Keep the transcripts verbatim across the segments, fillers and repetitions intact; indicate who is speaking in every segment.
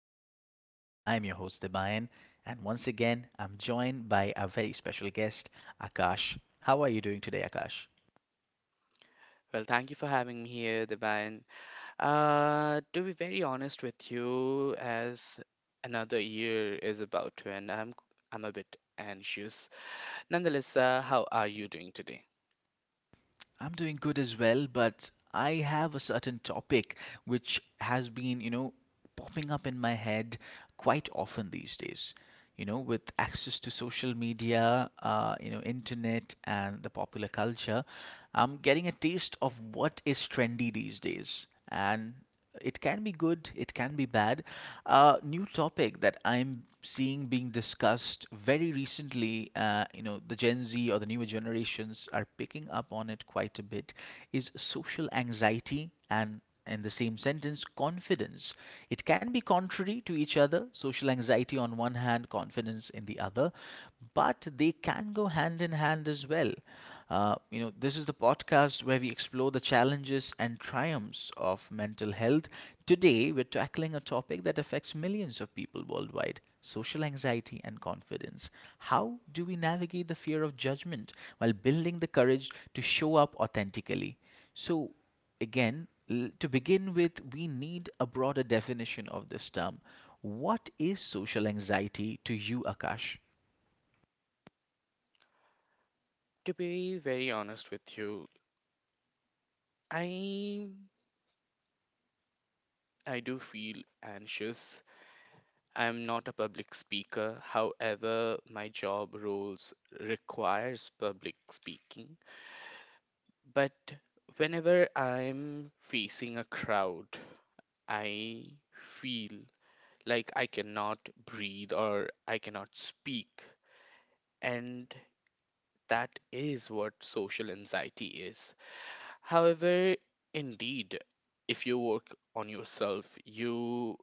Speaker 1: to Daily Sessions. I'm your host, Debayan, and once again, I'm joined by a very special guest, Akash. How are you doing today, Akash?
Speaker 2: Well, thank you for having me here, Deban. Uh, to be very honest with you, as another year is about to end, I'm I'm a bit anxious. Nonetheless, uh, how are you doing today?
Speaker 1: I'm doing good as well, but I have a certain topic which has been, you know, popping up in my head quite often these days. You know, with access to social media, uh, you know, internet, and the popular culture, I'm getting a taste of what is trendy these days. And it can be good, it can be bad. Uh, new topic that I'm seeing being discussed very recently, uh, you know, the Gen Z or the newer generations are picking up on it quite a bit, is social anxiety and in the same sentence, confidence. It can be contrary to each other, social anxiety on one hand, confidence in the other another, but they can go hand in hand as well. Uh, you know, this is the podcast where we explore the challenges and triumphs of mental health. Today, we're tackling a topic that affects millions of people worldwide: social anxiety and confidence. How do we navigate the fear of judgment while building the courage to show up authentically? So, again, l- to begin with, we need a broader definition of this term. What is social anxiety to you, Akash?
Speaker 2: To be very honest with you, I I do feel anxious. I'm not a public speaker. However, my job roles requires public speaking. But whenever I'm facing a crowd I feel like I cannot breathe or I cannot speak. And that is what social anxiety is. However, indeed, if you work on yourself, you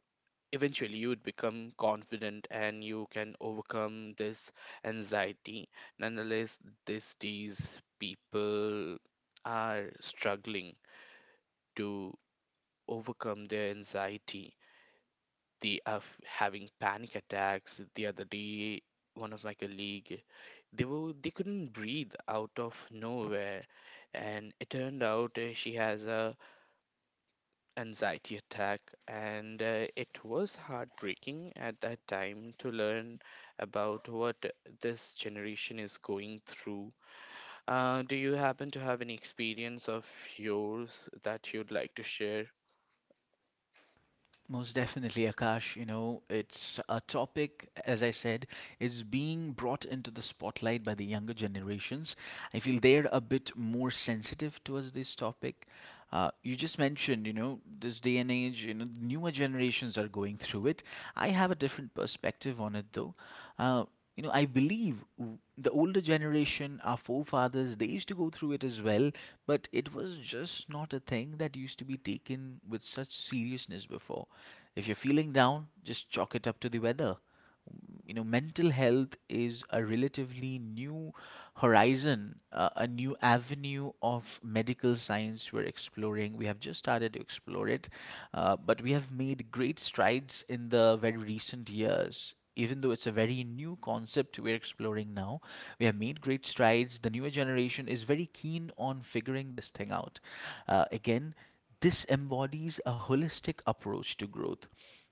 Speaker 2: eventually you would become confident and you can overcome this anxiety. Nonetheless, these days people are struggling to overcome their anxiety the of having panic attacks the other day one of my colleague they were they couldn't breathe out of nowhere, and it turned out uh, she has a anxiety attack, and uh, it was heartbreaking at that time to learn about what this generation is going through. Uh, do you happen to have any experience of yours that you'd like to share?
Speaker 1: Most definitely, Akash. You know, it's a topic, as I said, is being brought into the spotlight by the younger generations. I feel they're a bit more sensitive towards this topic. Uh, you just mentioned, you know, this day and age, you know, newer generations are going through it. I have a different perspective on it, though. Uh, you know, I believe w- the older generation, our forefathers, they used to go through it as well, but it was just not a thing that used to be taken with such seriousness before. If you're feeling down, just chalk it up to the weather. You know, mental health is a relatively new horizon, uh, a new avenue of medical science we're exploring. We have just started to explore it. Uh, but we have made great strides in the very recent years. Even though it's a very new concept we're exploring now, we have made great strides. The newer generation is very keen on figuring this thing out. Uh, again this embodies a holistic approach to growth.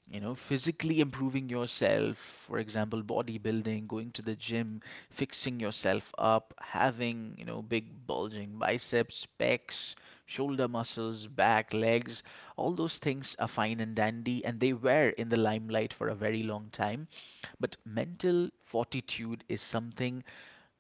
Speaker 1: You know, physically improving yourself, for example, bodybuilding, going to the gym, fixing yourself up, having, you know, big bulging biceps, pecs, shoulder muscles, back, legs. All those things are fine and dandy, and they were in the limelight for a very long time. But mental fortitude is something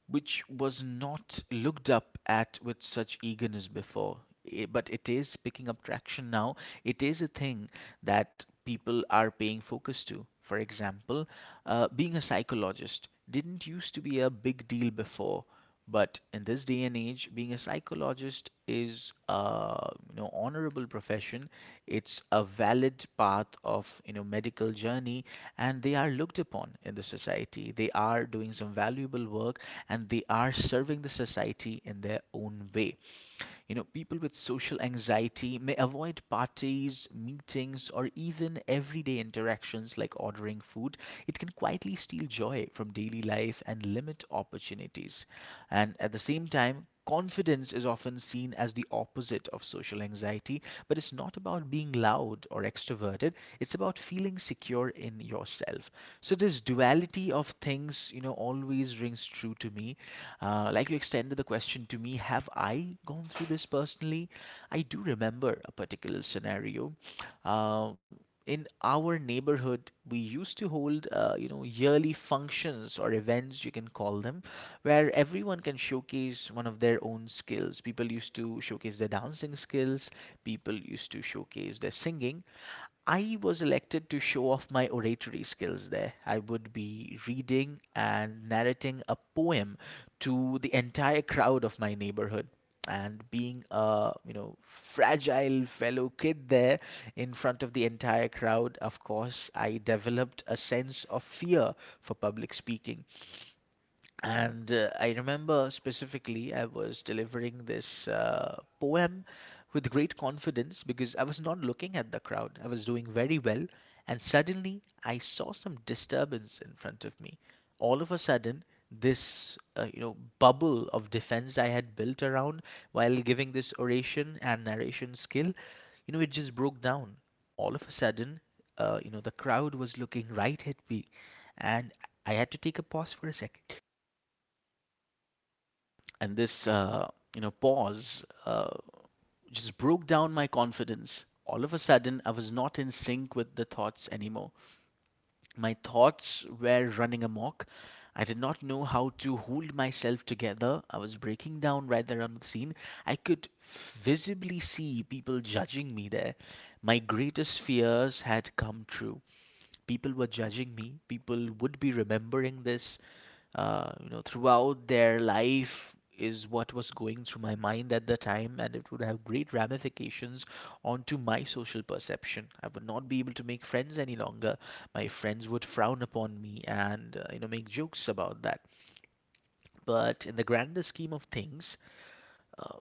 Speaker 1: which was not looked up at with such eagerness before. I- But it is picking up traction now. It is a thing that people are paying focus to. For example, uh, being a psychologist didn't used to be a big deal before. But in this day and age, being a psychologist is a, you know, honorable profession. It's a valid path of, you know, medical journey, and they are looked upon in the society. They are doing some valuable work, and they are serving the society in their own way. You know, people with social anxiety may avoid parties, meetings, or even everyday interactions like ordering food. It can quietly steal joy from daily life and limit opportunities, anxieties. And at the same time, confidence is often seen as the opposite of social anxiety, but it's not about being loud or extroverted, it's about feeling secure in yourself. So, this duality of things, you know, always rings true to me. Uh, like you extended the question to me, have I gone through this personally? I do remember a particular scenario. Um, in our neighborhood, we used to hold, uh, you know, yearly functions or events, you can call them, where everyone can showcase one of their own skills. People used to showcase their dancing skills, people used to showcase their singing. I was elected to show off my oratory skills there. I would be reading and narrating a poem to the entire crowd of my neighborhood. And being a, you know, fragile fellow kid there in front of the entire crowd, of course, I developed a sense of fear for public speaking. And uh, I remember specifically, I was delivering this uh, poem with great confidence because I was not looking at the crowd. I was doing very well, and suddenly I saw some disturbance in front of me. All of a sudden, this, uh, you know, bubble of defense I had built around while giving this oration and narration skill, you know, it just broke down. All of a sudden, uh, you know, the crowd was looking right at me, and I had to take a pause for a second. And this, uh, you know, pause uh, just broke down my confidence. All of a sudden, I was not in sync with the thoughts anymore. My thoughts were running amok. I did not know how to hold myself together. I was breaking down right there on the scene. I could visibly see people judging me there. My greatest fears had come true. People were judging me, people would be remembering this uh, you know, throughout their life, is what was going through my mind at the time. And it would have great ramifications onto my social perception. I would not be able to make friends any longer. My friends would frown upon me and, uh, you know, make jokes about that. But in the grander scheme of things, uh,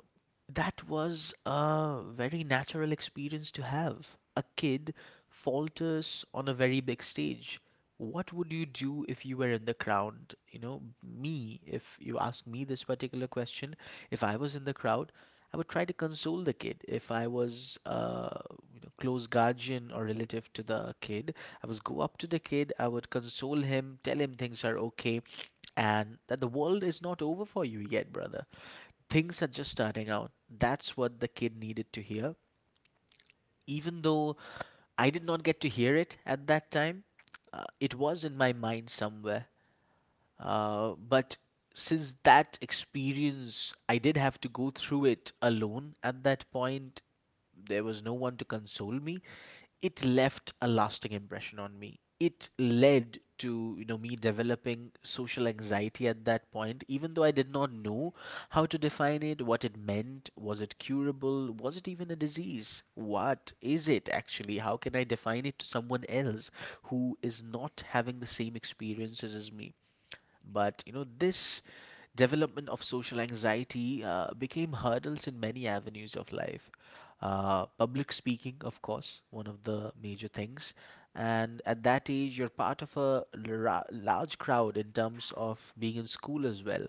Speaker 1: that was a very natural experience to have. A kid falters on a very big stage. What would you do if you were in the crowd? You know, me, if you ask me this particular question, if I was in the crowd, I would try to console the kid. If I was a, you know, close guardian or relative to the kid, I would go up to the kid, I would console him, tell him things are okay, and that the world is not over for you yet, brother. Things are just starting out. That's what the kid needed to hear. Even though I did not get to hear it at that time, uh, it was in my mind somewhere. Uh, but since that experience, I did have to go through it alone at that point. There was no one to console me. It left a lasting impression on me. It led to, you know, me developing social anxiety at that point, even though I did not know how to define it, what it meant, was it curable, was it even a disease? What is it actually? How can I define it to someone else who is not having the same experiences as me? But you know, this development of social anxiety uh, became hurdles in many avenues of life. Uh, public speaking, of course, one of the major things. And at that age, you're part of a lar- large crowd in terms of being in school as well.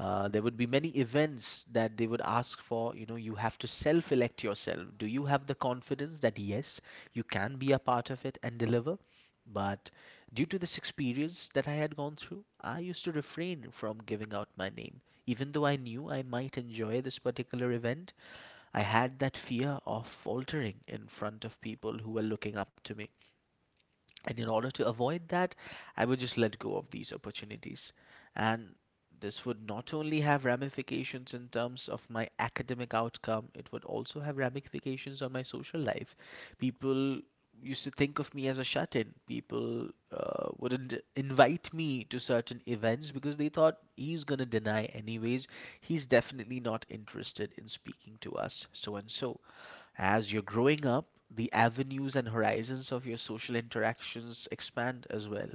Speaker 1: Uh, there would be many events that they would ask for. You know, you have to self elect yourself. Do you have the confidence that yes, you can be a part of it and deliver? But due to this experience that I had gone through, I used to refrain from giving out my name, even though I knew I might enjoy this particular event. I had that fear of faltering in front of people who were looking up to me. And in order to avoid that, I would just let go of these opportunities. And this would not only have ramifications in terms of my academic outcome, it would also have ramifications on my social life. People used to think of me as a shut in. People uh, wouldn't invite me to certain events because they thought he's going to deny, anyways. He's definitely not interested in speaking to us, so and so as you're growing up, the avenues and horizons of your social interactions expand as well.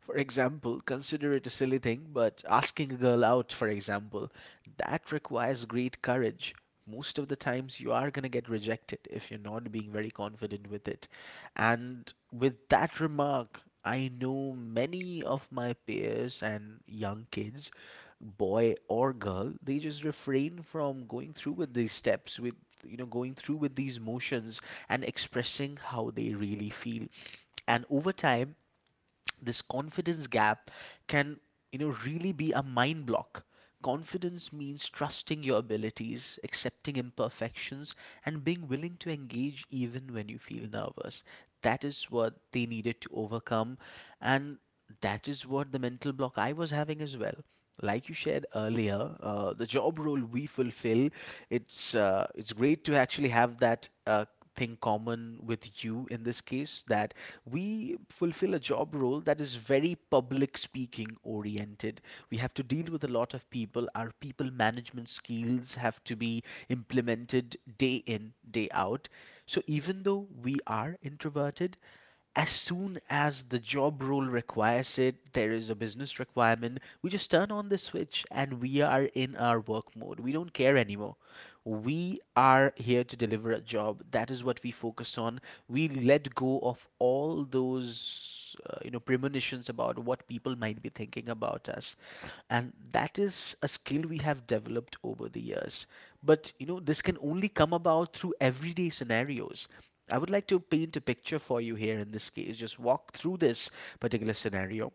Speaker 1: For example, consider it a silly thing, but asking a girl out, for example, that requires great courage. Most of the times, you are going to get rejected if you're not being very confident with it. And with that remark, I know many of my peers and young kids, boy or girl, they just refrain from going through with these steps, with you know, going through with these motions and expressing how they really feel, and over time this confidence gap can, you know really be a mind block. Confidence means trusting your abilities, accepting imperfections, and being willing to engage even when you feel nervous. That is what they needed to overcome, and that is what the mental block I was having as well. Like you shared earlier, uh, the job role we fulfill, it's uh, it's great to actually have that uh, thing common with you in this case, that we fulfill a job role that is very public speaking oriented. We have to deal with a lot of people. Our people management skills have to be implemented day in, day out. So even though we are introverted, as soon as the job role requires it, there is a business requirement, we just turn on the switch and we are in our work mode. We don't care anymore. We are here to deliver a job. That is what we focus on. We let go of all those uh, you know premonitions about what people might be thinking about us. And that is a skill we have developed over the years. But you know, this can only come about through everyday scenarios. I would like to paint a picture for you here in this case, just walk through this particular scenario.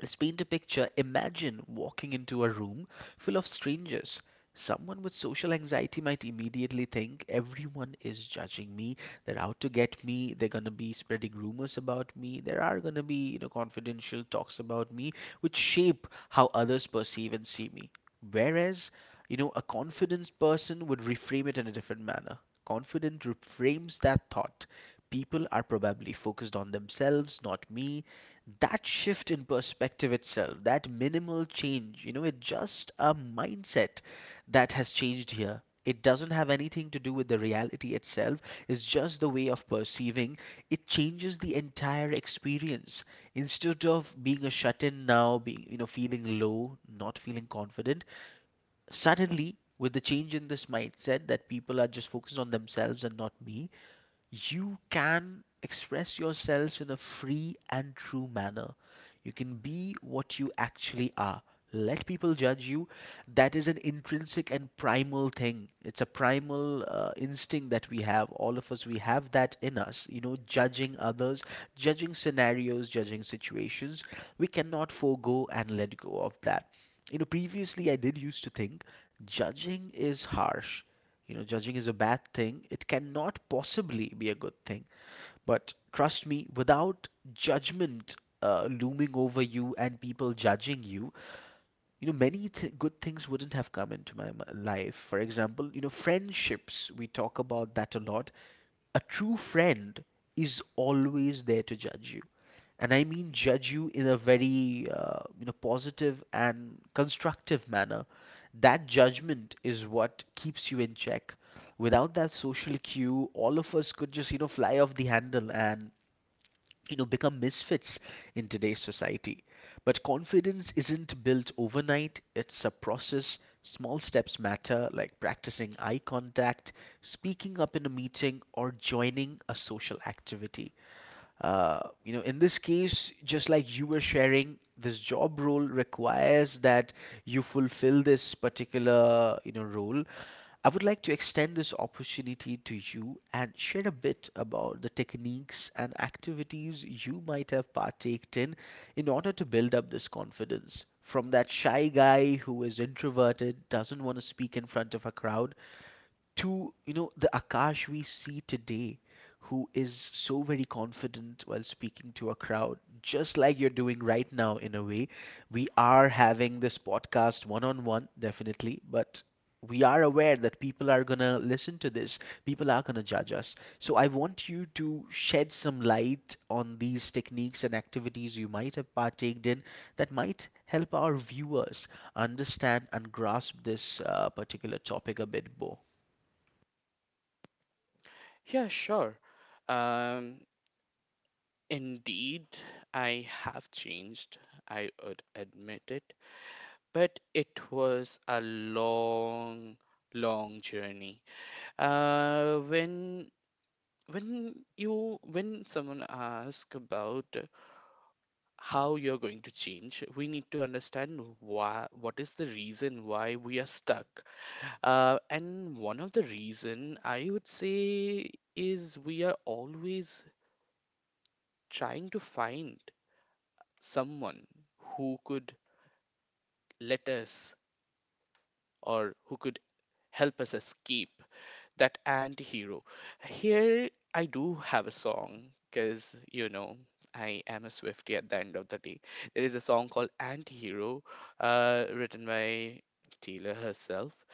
Speaker 1: Let's paint a picture. Imagine walking into a room full of strangers. Someone with social anxiety might immediately think everyone is judging me. They're out to get me. They're going to be spreading rumors about me. There are going to be, you know, confidential talks about me which shape how others perceive and see me. Whereas, you know, a confident person would reframe it in a different manner. Confident reframes that thought. People are probably focused on themselves, not me. That shift in perspective itself, that minimal change, you know, it's just a mindset that has changed here. It doesn't have anything to do with the reality itself, it's just the way of perceiving. It changes the entire experience. Instead of being a shut in now, being, you know, feeling low, not feeling confident, suddenly with the change in this mindset that people are just focused on themselves and not me, you can express yourselves in a free and true manner. You can be what you actually are. Let people judge you. That is an intrinsic and primal thing. It's a primal uh, instinct that we have. All of us, we have that in us. You know, judging others, judging scenarios, judging situations. We cannot forego and let go of that. You know, previously I did used to think judging is harsh. You know, judging is a bad thing. It cannot possibly be a good thing. But trust me, without judgment uh, looming over you and people judging you, you know, many th- good things wouldn't have come into my m- life. For example, you know, friendships, we talk about that a lot. A true friend is always there to judge you, and I mean judge you in a very uh, you know positive and constructive manner. That judgment is what keeps you in check. Without that social cue, all of us could just, you know fly off the handle and, you know become misfits in today's society. But confidence isn't built overnight; it's a process. Small steps matter, like practicing eye contact, speaking up in a meeting, or joining a social activity. Uh, you know, in this case, just like you were sharing, this job role requires that you fulfill this particular, you know, role. I would like to extend this opportunity to you and share a bit about the techniques and activities you might have partaked in in order to build up this confidence. From that shy guy who is introverted, doesn't want to speak in front of a crowd, to, you know the Akash we see today, who is so very confident while speaking to a crowd, just like you're doing right now in a way. We are having this podcast one on one, definitely, but we are aware that people are gonna listen to this, people are gonna judge us. So I want you to shed some light on these techniques and activities you might have partaked in that might help our viewers understand and grasp this uh, particular topic a bit more.
Speaker 2: Yeah, sure. um Indeed, I have changed, I would admit it, but it was a long, long journey. Uh, when when you when someone asks about how you're going to change, we need to understand why what is the reason why we are stuck. Uh, and one of the reason I would say is we are always trying to find someone who could let us or who could help us escape that anti-hero. Here I do have a song, because you know I am a swifty at the end of the day. There is a song called Anti-Hero, uh, written by Taylor herself.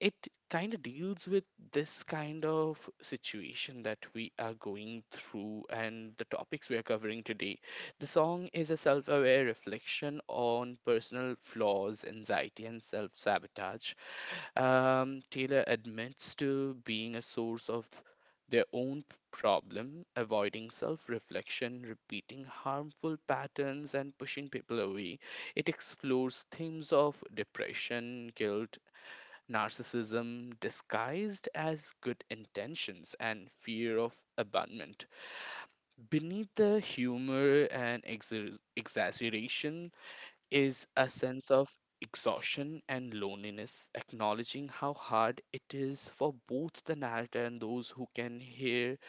Speaker 2: It kind of deals with this kind of situation that we are going through and the topics we are covering today. The song is a self aware reflection on personal flaws, anxiety, and self sabotage. Um, Taylor admits to being a source of their own p- problem, avoiding self reflection, repeating harmful patterns, and pushing people away. It explores themes of depression, guilt, narcissism disguised as good intentions, and fear of abandonment. Beneath the humor and exa- exaggeration is a sense of exhaustion and loneliness, acknowledging how hard it is for both the narrator and those who can hear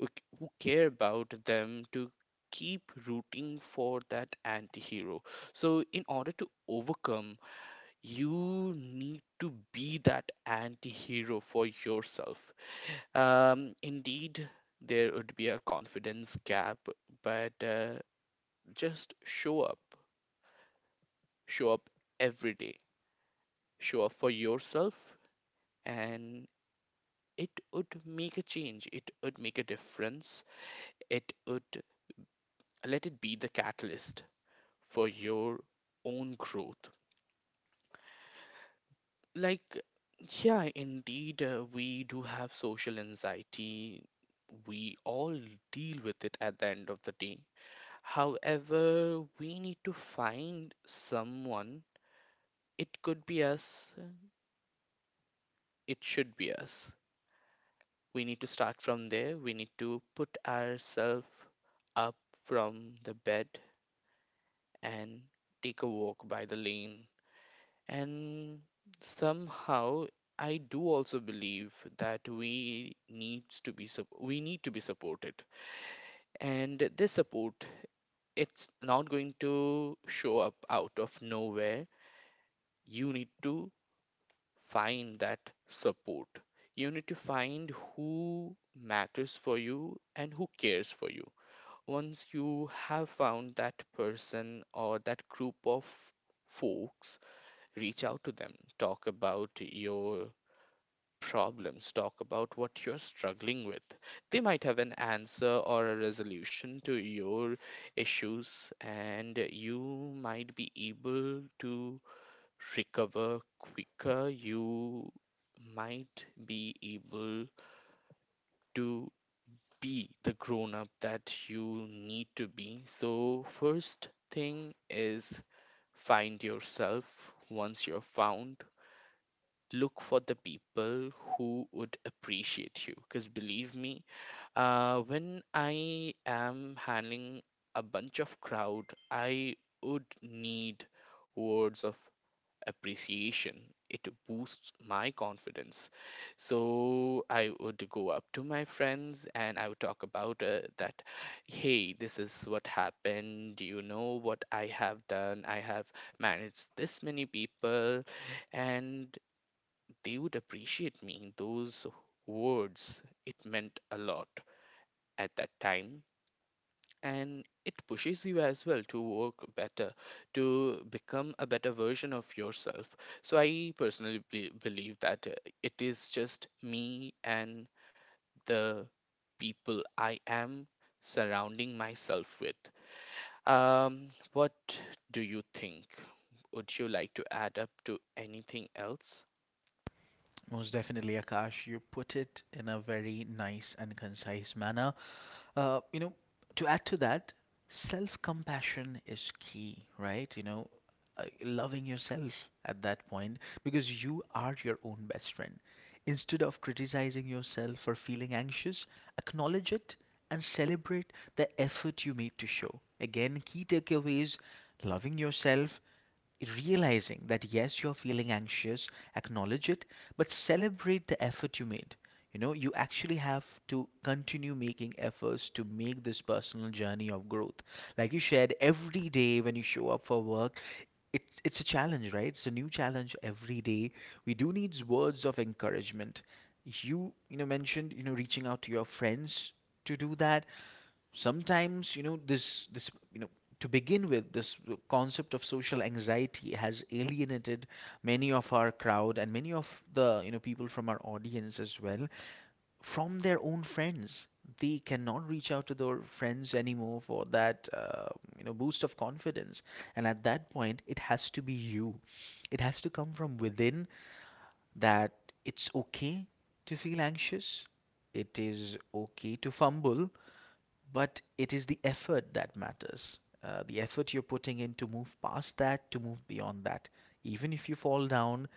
Speaker 2: who c- who care about them to keep rooting for that anti-hero. So in order to overcome, you need to be that anti-hero for yourself. Um, indeed, there would be a confidence gap, but uh, just show up, show up every day, show up for yourself. And it would make a change, it would make a difference. It would, let it be the catalyst for your own growth. Like, yeah, indeed, uh, we do have social anxiety. We all deal with it at the end of the day. However, we need to find someone. It could be us, it should be us. We need to start from there. We need to put ourselves up from the bed and take a walk by the lane. And somehow I do also believe that we needs to be sup- we need to be supported. And this support, it's not going to show up out of nowhere. You need to find that support. You need to find who matters for you and who cares for you. Once you have found that person or that group of folks, reach out to them, talk about your problems, talk about what you're struggling with. They might have an answer or a resolution to your issues, and you might be able to recover quicker. You might be able to be the grown up that you need to be. So, first thing is find yourself. Once you're found, look for the people who would appreciate you, because believe me, uh, when I am handling a bunch of crowd, I would need words of appreciation. It boosts my confidence. So I would go up to my friends and I would talk about uh, that, hey, this is what happened, do you know what I have done? I have managed this many people, and they would appreciate me. Those words, it meant a lot at that time. And it pushes you as well to work better, to become a better version of yourself. So I personally be- believe that uh, it is just me and the people I am surrounding myself with. Um, what do you think? Would you like to add up to anything else?
Speaker 1: Most definitely, Akash. You put it in a very nice and concise manner. Uh, you know, to add to that, self compassion is key, right? You know, uh, loving yourself at that point because you are your own best friend. Instead of criticizing yourself for feeling anxious, acknowledge it and celebrate the effort you made to show. Again, key takeaways: loving yourself, realizing that yes, you're feeling anxious, acknowledge it, but celebrate the effort you made. You know, you actually have to continue making efforts to make this personal journey of growth. Like you shared, every day when you show up for work, it's it's a challenge, right? It's a new challenge every day. We do need words of encouragement. You you know mentioned, you know, reaching out to your friends to do that. Sometimes, you know, this this you know, to begin with, this concept of social anxiety has alienated many of our crowd and many of the, you know, people from our audience as well from their own friends. They cannot reach out to their friends anymore for that uh, you know, boost of confidence. And at that point it has to be you, it has to come from within. That it's okay to feel anxious, it is okay to fumble, but it is the effort that matters. Uh, the effort you're putting in to move past that, to move beyond that. Even if you fall down,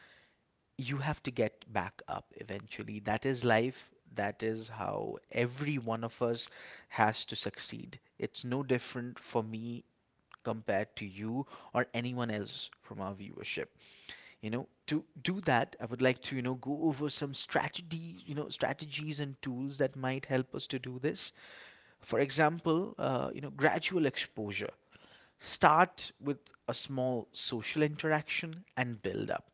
Speaker 1: you have to get back up eventually. That is life. That is how every one of us has to succeed. It's no different for me compared to you or anyone else from our viewership. You know, to do that, I would like to, you know, go over some strategy, you know, strategies and tools that might help us to do this. For example, uh, you know, gradual exposure. Start with a small social interaction and build up.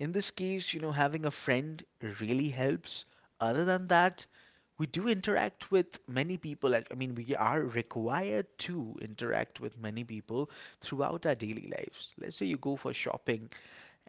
Speaker 1: In this case, you know, having a friend really helps. Other than that, we do interact with many people. I mean, we are required to interact with many people throughout our daily lives. Let's say you go for shopping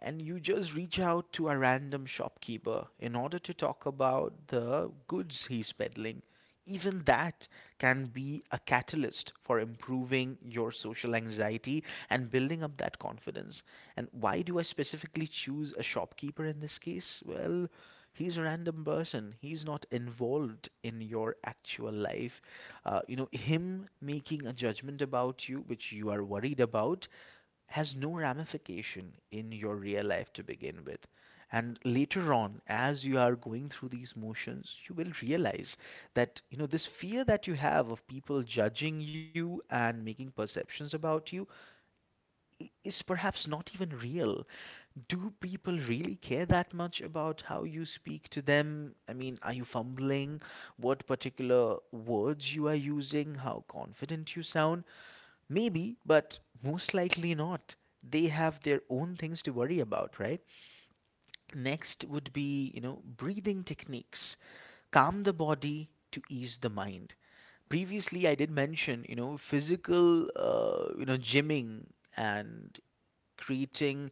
Speaker 1: and you just reach out to a random shopkeeper in order to talk about the goods he's peddling, even that can be a catalyst for improving your social anxiety and building up that confidence. And why do I specifically choose a shopkeeper in this case? Well, he's a random person. He's not involved in your actual life. Uh, you know, him making a judgment about you, which you are worried about, has no ramification in your real life to begin with. And later on, as you are going through these motions, you will realize that, you know, this fear that you have of people judging you and making perceptions about you is perhaps not even real. Do people really care that much about how you speak to them? I mean, are you fumbling? What particular words you are using? How confident you sound? Maybe, but most likely not. They have their own things to worry about, right? Next would be, you know, breathing techniques. Calm the body to ease the mind. Previously, I did mention, you know, physical, uh, you know, gymming and creating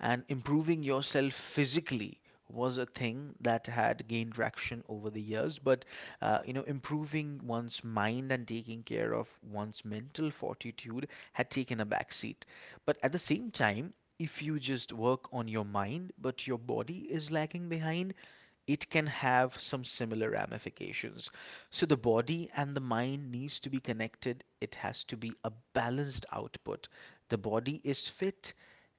Speaker 1: and improving yourself physically was a thing that had gained traction over the years, but uh, you know, improving one's mind and taking care of one's mental fortitude had taken a backseat. But at the same time, if you just work on your mind but your body is lagging behind, it can have some similar ramifications. So the body and the mind needs to be connected, it has to be a balanced output. The body is fit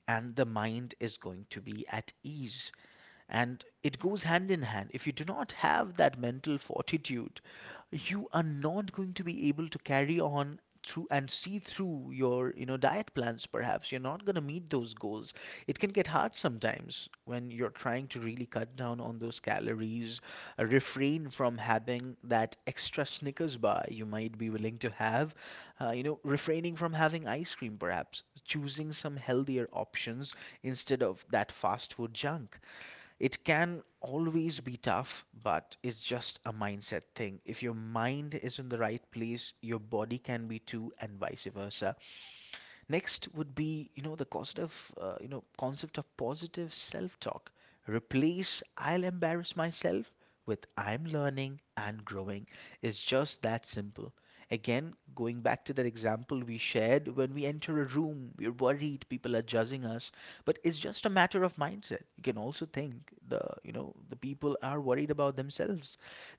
Speaker 1: and the mind is going to be at ease. And it goes hand in hand. If you do not have that mental fortitude, you are not going to be able to carry on through and see through your, you know, diet plans. Perhaps you're not going to meet those goals. It can get hard sometimes when you're trying to really cut down on those calories, uh, refrain from having that extra Snickers bar you might be willing to have, uh, you know, refraining from having ice cream perhaps, choosing some healthier options instead of that fast food junk. It can always be tough, but it's just a mindset thing. If your mind is in the right place, your body can be too, and vice versa. Next would be, you know, the concept of, uh, you know, concept of positive self-talk. Replace "I'll embarrass myself" with "I'm learning and growing." It's just that simple. Again, going back to that example we shared, when we enter a room, we're worried people are judging us, but it's just a matter of mindset. You can also think the you know the people are worried about themselves.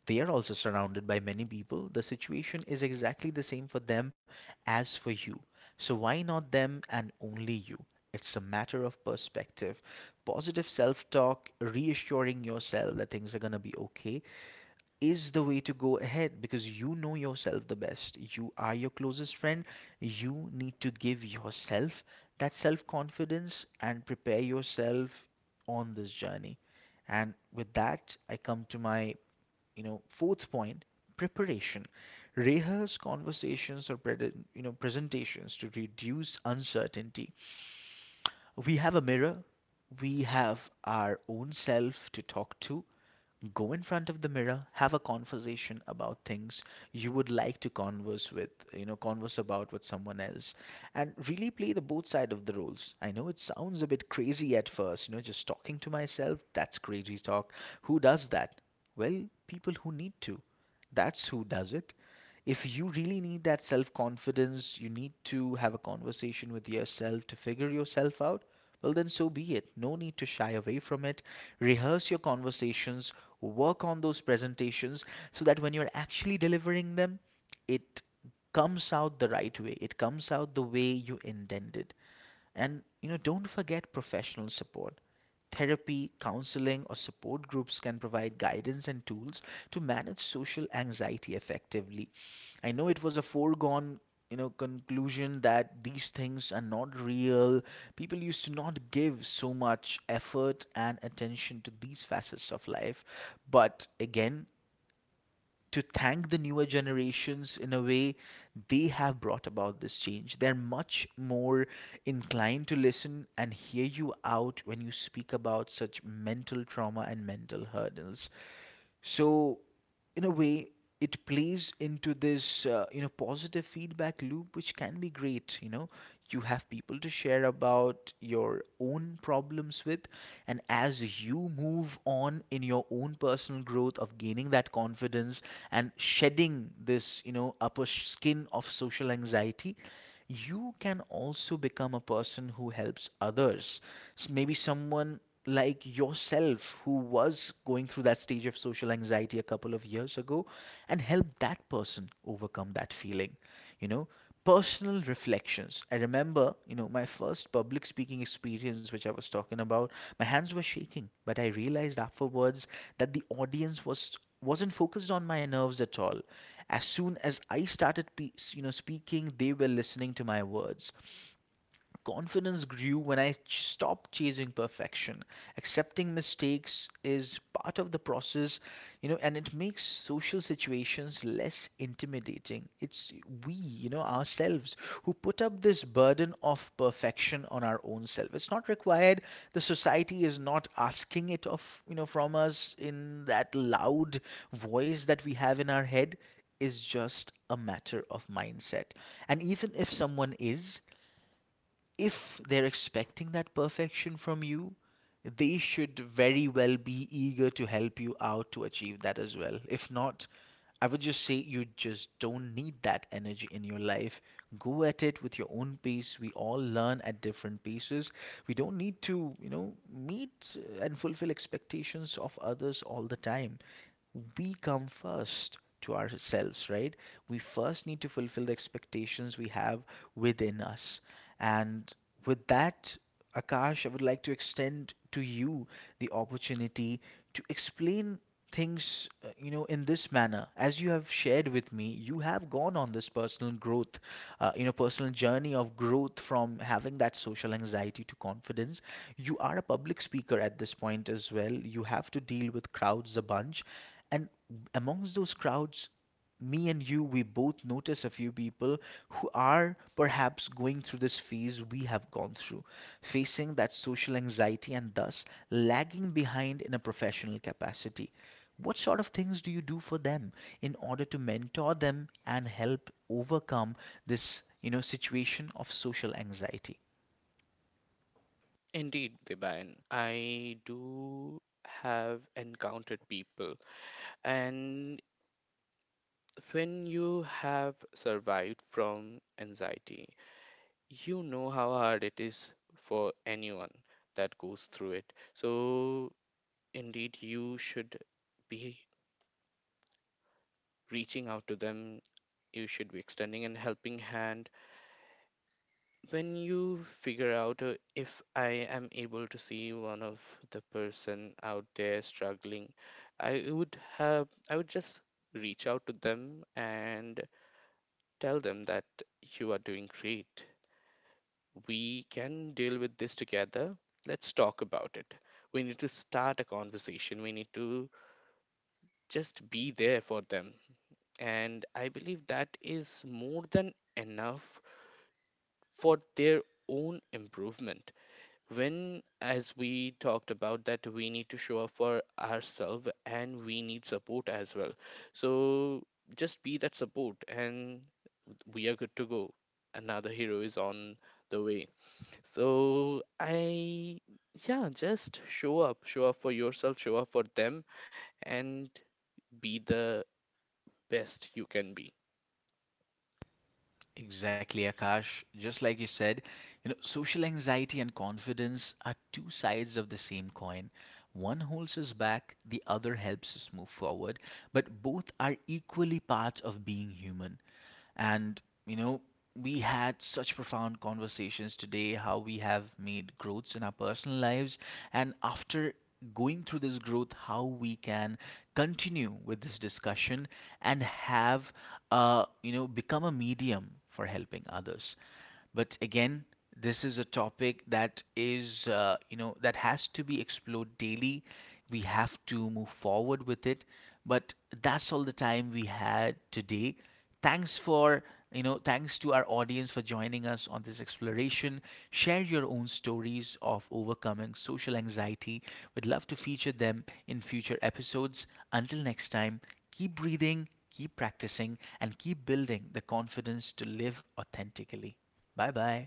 Speaker 1: They are also surrounded by many people. The situation is exactly the same for them as for you. So why not them and only you? It's a matter of perspective. Positive self talk, reassuring yourself that things are going to be okay, is the way to go ahead, because you know yourself the best. You are your closest friend. You need to give yourself that self confidence and prepare yourself on this journey. And with that, I come to my, you know, fourth point, preparation. Rehearse conversations or you know presentations to reduce uncertainty. We have a mirror, we have our own self to talk to. Go in front of the mirror, have a conversation about things you would like to converse with, you know, converse about with someone else, and really play the both side of the roles. I know it sounds a bit crazy at first, you know, just talking to myself, that's crazy talk. Who does that? Well, people who need to. That's who does it. If you really need that self confidence, you need to have a conversation with yourself to figure yourself out, well, then so be it. No need to shy away from it. Rehearse your conversations, work on those presentations so that when you're actually delivering them, it comes out the right way. It comes out the way you intended. And, you know, don't forget professional support. Therapy, counseling, or support groups can provide guidance and tools to manage social anxiety effectively. I know it was a foregone you know conclusion that these things are not real. People used to not give so much effort and attention to these facets of life, but again, to thank the newer generations in a way, they have brought about this change. They're much more inclined to listen and hear you out when you speak about such mental trauma and mental hurdles. So, in a way, it plays into this uh, you know positive feedback loop, which can be great. You know you have people to share about your own problems with, and as you move on in your own personal growth of gaining that confidence and shedding this you know upper sh- skin of social anxiety, you can also become a person who helps others. S- Maybe someone like yourself who was going through that stage of social anxiety a couple of years ago, and help that person overcome that feeling. You know, personal reflections. I remember, you know, my first public speaking experience, which I was talking about, my hands were shaking, but I realized afterwards that the audience was wasn't focused on my nerves at all. As soon as I started, pe- you know, speaking, they were listening to my words. Confidence grew when I ch- stopped chasing perfection. Accepting mistakes is part of the process, you know, and it makes social situations less intimidating. It's we, you know, ourselves who put up this burden of perfection on our own self. It's not required. The society is not asking it of, you know, from us. In that loud voice that we have in our head, is just a matter of mindset. And even if someone is, if they're expecting that perfection from you, they should very well be eager to help you out to achieve that as well. If not, I would just say you just don't need that energy in your life. Go at it with your own pace. We all learn at different paces. We don't need to, you know, meet and fulfill expectations of others all the time. We come first to ourselves, right? We first need to fulfill the expectations we have within us. And with that, Akash, I would like to extend to you the opportunity to explain things, uh, you know, in this manner. As you have shared with me, you have gone on this personal growth, uh, you know, personal journey of growth from having that social anxiety to confidence. You are a public speaker at this point as well. You have to deal with crowds a bunch. And amongst those crowds, me and you, we both notice a few people who are perhaps going through this phase we have gone through, facing that social anxiety and thus lagging behind in a professional capacity. What sort of things do you do for them in order to mentor them and help overcome this, you know, situation of social anxiety?
Speaker 2: Indeed, Dibayan, I do have encountered people, and when you have survived from anxiety, you know how hard it is for anyone that goes through it. So, indeed, you should be reaching out to them, you should be extending an helping hand. When you figure out, uh, if I am able to see one of the person out there struggling, i would have i would just reach out to them and tell them that you are doing great, we can deal with this together, let's talk about it. We need to start a conversation, we need to just be there for them. And I believe that is more than enough for their own improvement. When as we talked about that, we need to show up for ourselves and we need support as well. So just be that support and we are good to go. Another hero is on the way. So I, yeah, just show up, show up for yourself, show up for them, and be the best you can be.
Speaker 1: Exactly, Akash. Just like you said, you know, social anxiety and confidence are two sides of the same coin. One holds us back, the other helps us move forward, but both are equally parts of being human. And, you know, we had such profound conversations today, how we have made growths in our personal lives, and after going through this growth, how we can continue with this discussion and have, uh, you know, become a medium for helping others. But again, this is a topic that is, uh, you know, that has to be explored daily. We have to move forward with it. But that's all the time we had today. Thanks for, you know, thanks to our audience for joining us on this exploration. Share your own stories of overcoming social anxiety. We'd love to feature them in future episodes. Until next time, keep breathing, keep practicing, and keep building the confidence to live authentically. Bye bye.